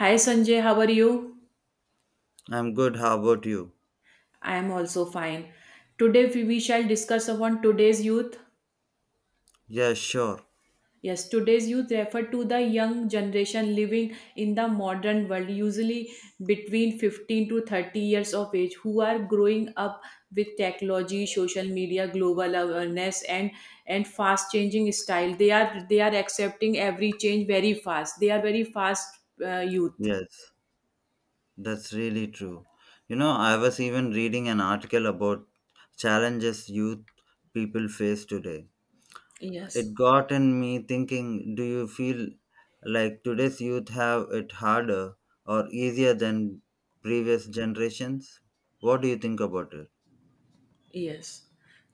Hi Sanjay, how are you? I'm good. How about you? I am also fine. Today we shall discuss upon today's youth. Yeah, sure. Yes, today's youth refer to the young generation living in the modern world, usually between 15 to 30 years of age, who are growing up with technology, social media, global awareness, and fast changing style. They are accepting every change very fast. They are very fast youth. Yes, that's really true. I was even reading an article about challenges youth people face today. It Yes. got in me thinking, do you feel like today's youth have it harder or easier than previous generations? What do you think about it? Yes,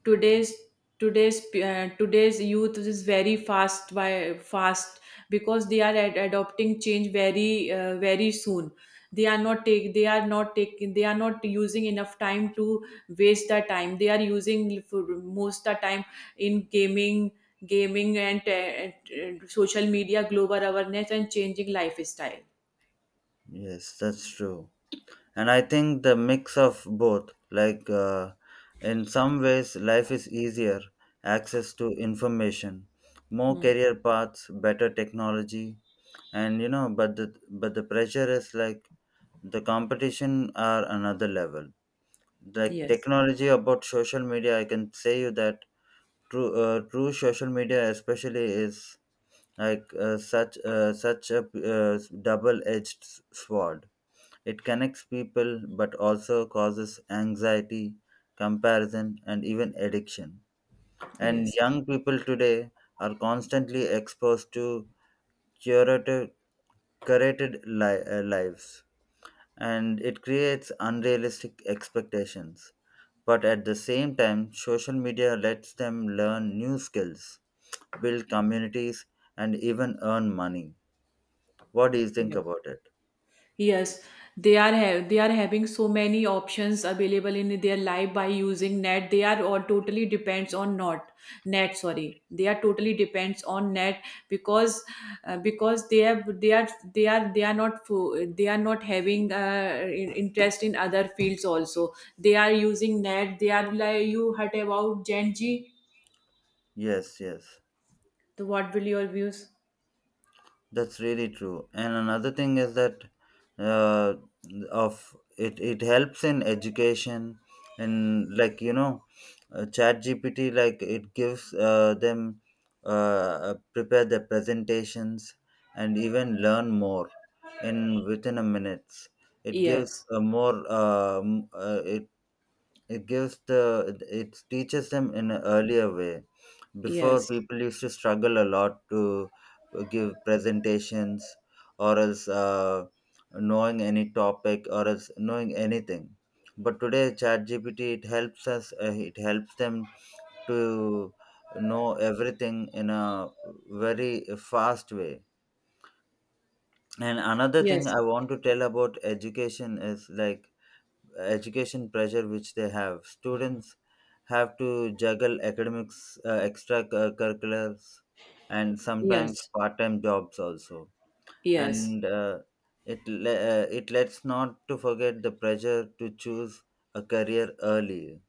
today's today's youth is very fast by fast because they are adopting change very soon. They are not take they are not taking They are not using enough time to waste their time. They are using for most the time in gaming, gaming and social media, global awareness, and changing lifestyle. Yes, that's true. And I think the mix of both, like in some ways life is easier, access to information, more Hmm. career paths, better technology. And but the pressure is like the competition are another level, like Yes, technology about social media. I can say you that true, social media especially is like such a uh, double edged sword. It connects people but also causes anxiety, comparison, and even addiction. And yes, young people today are constantly exposed to curated, lives, and it creates unrealistic expectations. But at the same time, social media lets them learn new skills, build communities, and even earn money. What do you think yes. about it? Yes, they are having so many options available in their life by using net. They are all totally depends on not net. Sorry, they are totally depends on net because because they have they are they are they are not fo- they are not having interest in other fields also. They are using net. They are like you heard about Gen Z. Yes, yes. So what will your views? That's really true. And another thing is that uh, of it, it helps in education. And Chat GPT, like it gives them, prepare their presentations and even learn more in within a minutes. It gives Yes, a more it gives the it teaches them in an earlier way. Before, yes, people used to struggle a lot to give presentations or else knowing any topic or else knowing anything. But today ChatGPT, it helps us it helps them to know everything in a very fast way. And another thing yes, I want to tell about education is like education pressure which they have. Students have to juggle academics, extracurriculars, and sometimes yes, part-time jobs also. yes, And it lets not to forget the pressure to choose a career early.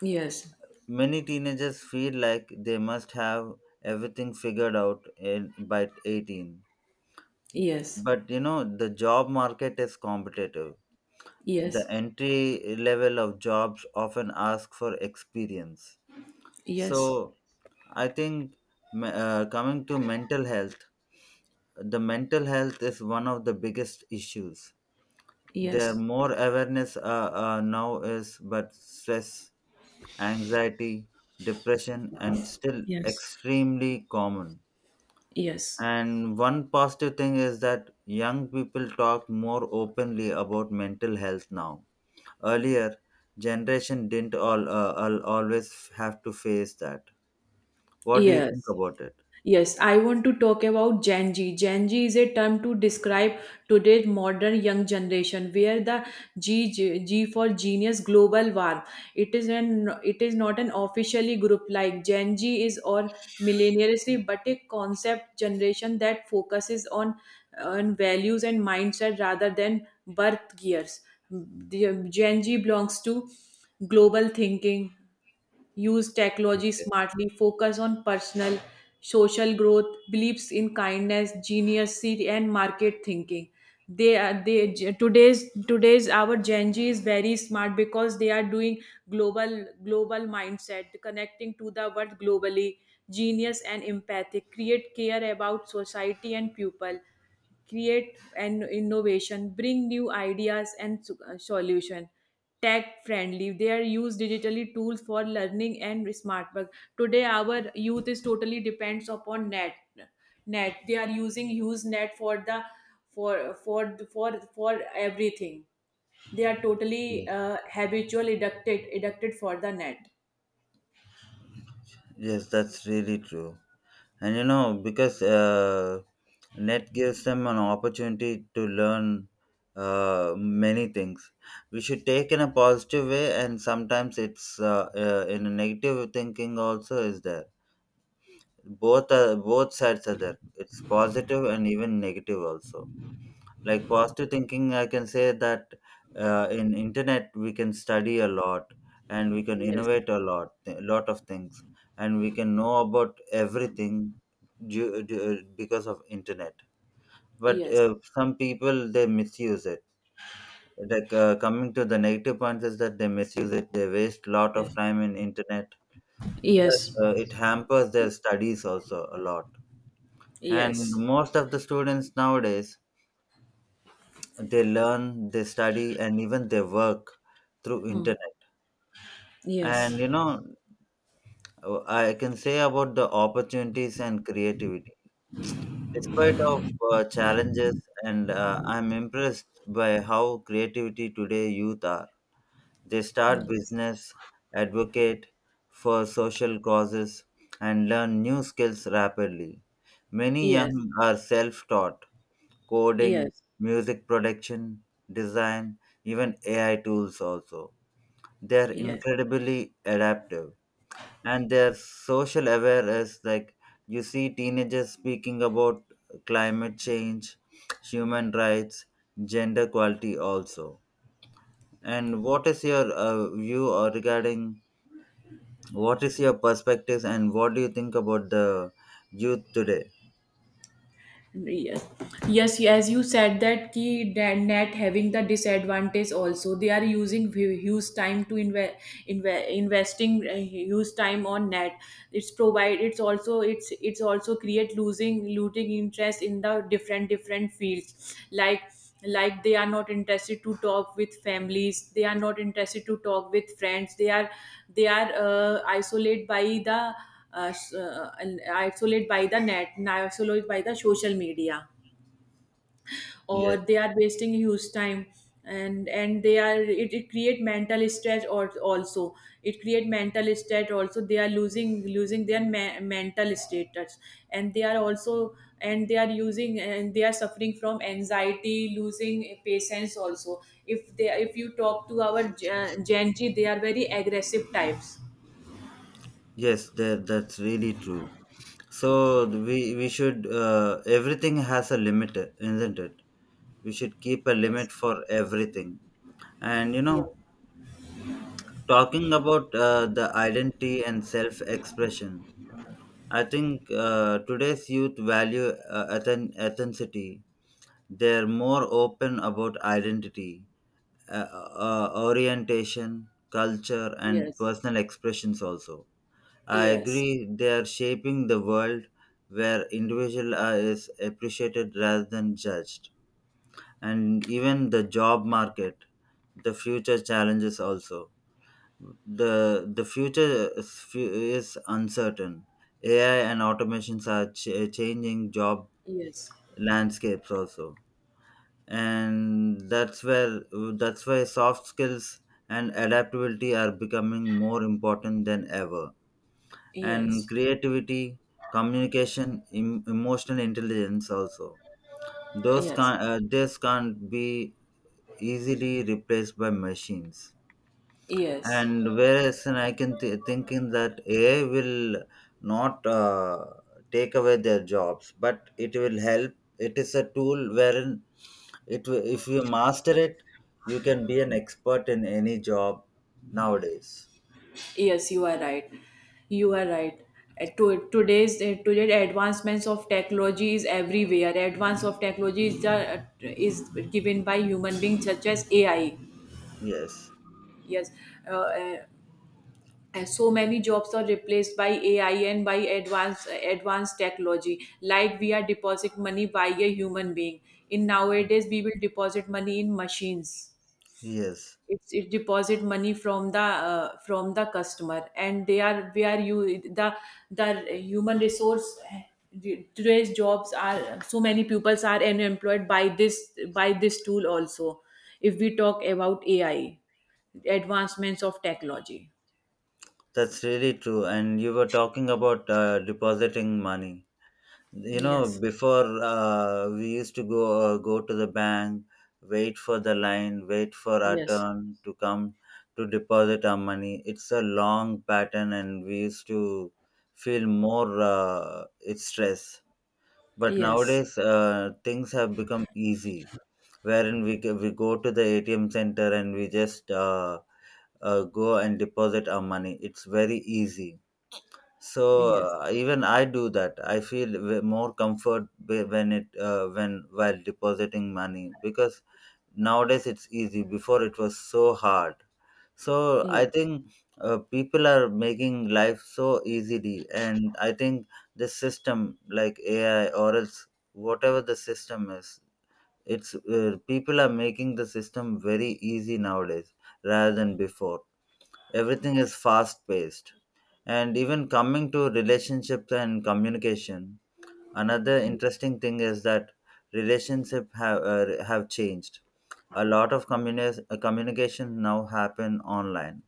yes, Many teenagers feel like they must have everything figured out in, by 18. yes. But you know the job market is competitive, the Yes. entry level of jobs often ask for experience. So Yes. I think coming to mental health, the mental health is one of the biggest issues. There Yes. more awareness now is, but stress, anxiety, depression and still Yes. extremely common. Yes. And one positive thing is that young people talk more openly about mental health now. Earlier generation didn't always have to face that. What do you think Yes. about it? Yes, I want to talk about Gen Z. Gen Z is a term to describe today's modern young generation, where the G for genius, global warm. It is not an officially group like Gen Z is or millennials, but a concept generation that focuses on values and mindset rather than birth gears. The Gen Z belongs to global thinking, use technology smartly, focus on personal, social growth, beliefs in kindness, geniusity, and market thinking. They are they today's today's our Gen Z is very smart because they are doing global mindset, connecting to the world globally, genius and empathic, create care about society and people, create an innovation, bring new ideas and solution. Tech friendly, they are use digitally tools for learning and smart work. Today, our youth is totally depends upon net. Net, they are using use net for the for everything. They are totally Yes, habitual addicted for the net. yes, that's really true. And you know, because net gives them an opportunity to learn many things. We should take in a positive way, and sometimes it's in a negative thinking also is there. Both sides are there. It's positive and even negative also. Like positive thinking I can say that in internet we can study a lot, and we can Yes, innovate a lot, a lot of things, and we can know about everything because of internet. But yes, some people they misuse it, like coming to the negative points, is that they misuse it, they waste a lot of yes. time in internet. Yes. It hampers their studies also a lot, and Yes. most of the students nowadays they learn, they study, and even they work through internet. Yes. And you know, I can say about the opportunities and creativity despite of challenges. And I'm impressed by how creativity today youth are. They start Yes. business, advocate for social causes, and learn new skills rapidly. Many young Yes. are self-taught: coding, Yes. music production, design, even AI tools also. They are Yes. incredibly adaptive, and they are social aware. As like, you see teenagers speaking about climate change, human rights, gender equality also. And what is your view or regarding, what is your perspectives and what do you think about the youth today? Yes, yes, as you said that key net having the disadvantage also, they are using huge time to invest, investing huge time on net. It's provide it's also create losing looting interest in the different fields, like they are not interested to talk with families, they are not interested to talk with friends, they are isolated by the s- and isolate by the net and isolate by the social media, or Yes, they are wasting huge time, and they are, it create mental stress, or also it create mental state also, they are losing their mental status, and they are also, and they are using, and they are suffering from anxiety, losing patience also. If they if you talk to our Gen Z, they are very aggressive types. yes, that's really true. So we should, everything has a limit, isn't it? We should keep a Yes limit for everything. And you yes know, talking about the identity and self-expression, I think today's youth value authenticity. They're more open about identity, uh, orientation, culture, and yes personal expressions also. I yes agree they are shaping the world where is appreciated rather than judged. And even the job market, the future challenges also. The the future is is uncertain. AI and automations are changing job Yes, landscapes also. And that's why soft skills and adaptability are becoming more important than ever. And yes, creativity, communication, emotional intelligence also. Those yes, can't, this can't be easily replaced by machines. yes, And whereas and I can thinking that AI will not take away their jobs, but it will help. It is a tool wherein if you master it, you can be an expert in any job nowadays. yes, you are right. You are right. Today's today advancements of technology is everywhere. Advance of technology is the, is given by human beings such as AI. Yes, Yes, uh, uh, and so many jobs are replaced by AI and by advanced technology. Like we are deposit money by a human being. In nowadays, we will deposit money in machines. yes. It's, it deposit money from the customer and they are where you the human resource. Today's jobs are so many pupils are unemployed by this tool also, if we talk about ai advancements of technology. That's really true. And you were talking about depositing money. You know, yes before we used to go to the bank, wait for the line, wait for our yes turn to come to deposit our money. It's a long pattern, and we used to feel more it's stress. But yes nowadays, things have become easy, wherein we go to the ATM center and we just go and deposit our money. It's very easy. So yes even I do that. I feel more comfort when while depositing money, because nowadays it's easy. Before it was so hard. So I yes think people are making life so easily, and I think the system like AI or else whatever the system is, it's people are making the system very easy nowadays rather than before. Everything is fast paced. And even coming to relationships and communication, another interesting thing is that relationship have changed. A lot of communication now happen online,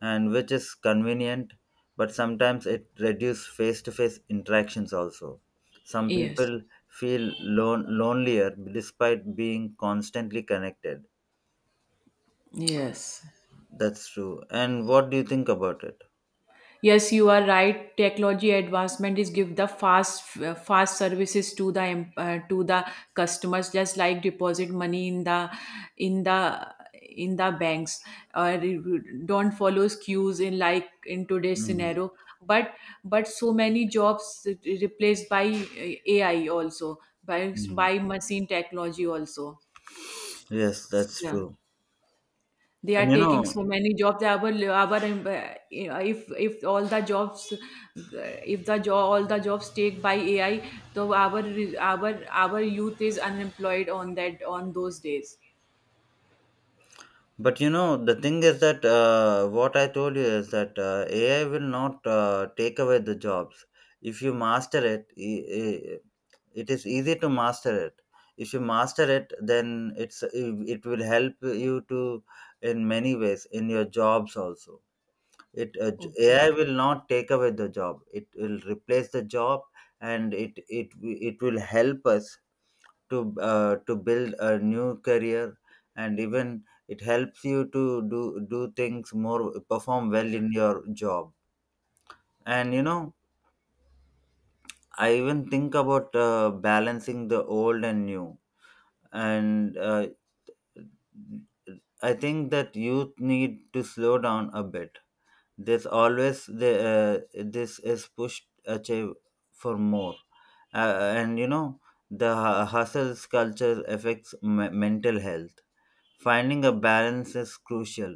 and which is convenient, but sometimes it reduces face-to-face interactions also. Some yes people feel lonelier despite being constantly connected. yes That's true. And what do you think about it? Yes, you are right. Technology advancement is give the fast services to the to the customers, just like deposit money in the in the in the banks, or don't follow queues in, like, in today's Mm. scenario. But but so many jobs replaced by AI also, Mm. by machine technology also. Yes, that's Yeah, true. they And are you taking know, so many jobs, our if all the jobs, if the job all the jobs take by ai, so our youth is unemployed on that on those days. But you know, the thing is that what I told you is that AI will not take away the jobs. If you master it, it is easy to master it. If you master it, then it will help you to in many ways in your jobs also. AI Okay. will not take away the job. It will replace the job, and it will help us to build a new career, and even it helps you to do do things more, perform well in your job. And you know, I even think about balancing the old and new. And I think that youth need to slow down a bit. There's always the this is pushed, achieve for more. uh, and you know, the hustles culture affects mental health. Finding a balance is crucial,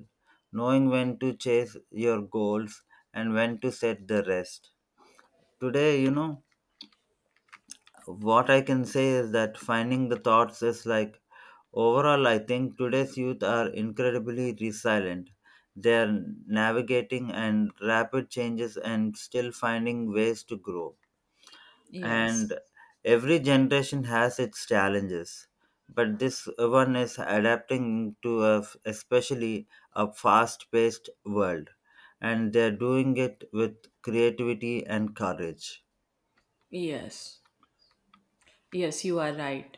knowing when to chase your goals and when to set the rest. Today, you know, what I can say is that finding the thoughts is like, overall, I think today's youth are incredibly resilient. They are navigating and rapid changes and still finding ways to grow, yes and every generation has its challenges, but this one is adapting to especially a fast paced world, and they're doing it with creativity and courage. yes yes you are right.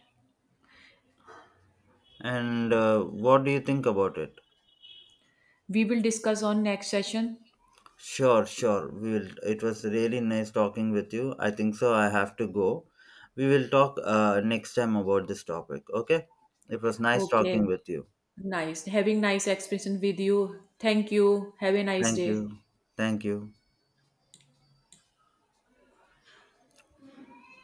And what do you think about it? We will discuss on next session. Sure, sure, we will. It was really nice talking with you. I think so, I have to go. We will talk next time about this topic, okay. It was nice talking Okay. with you. Nice having nice expression with you. Thank you. Have a nice Thank day. you. Thank you.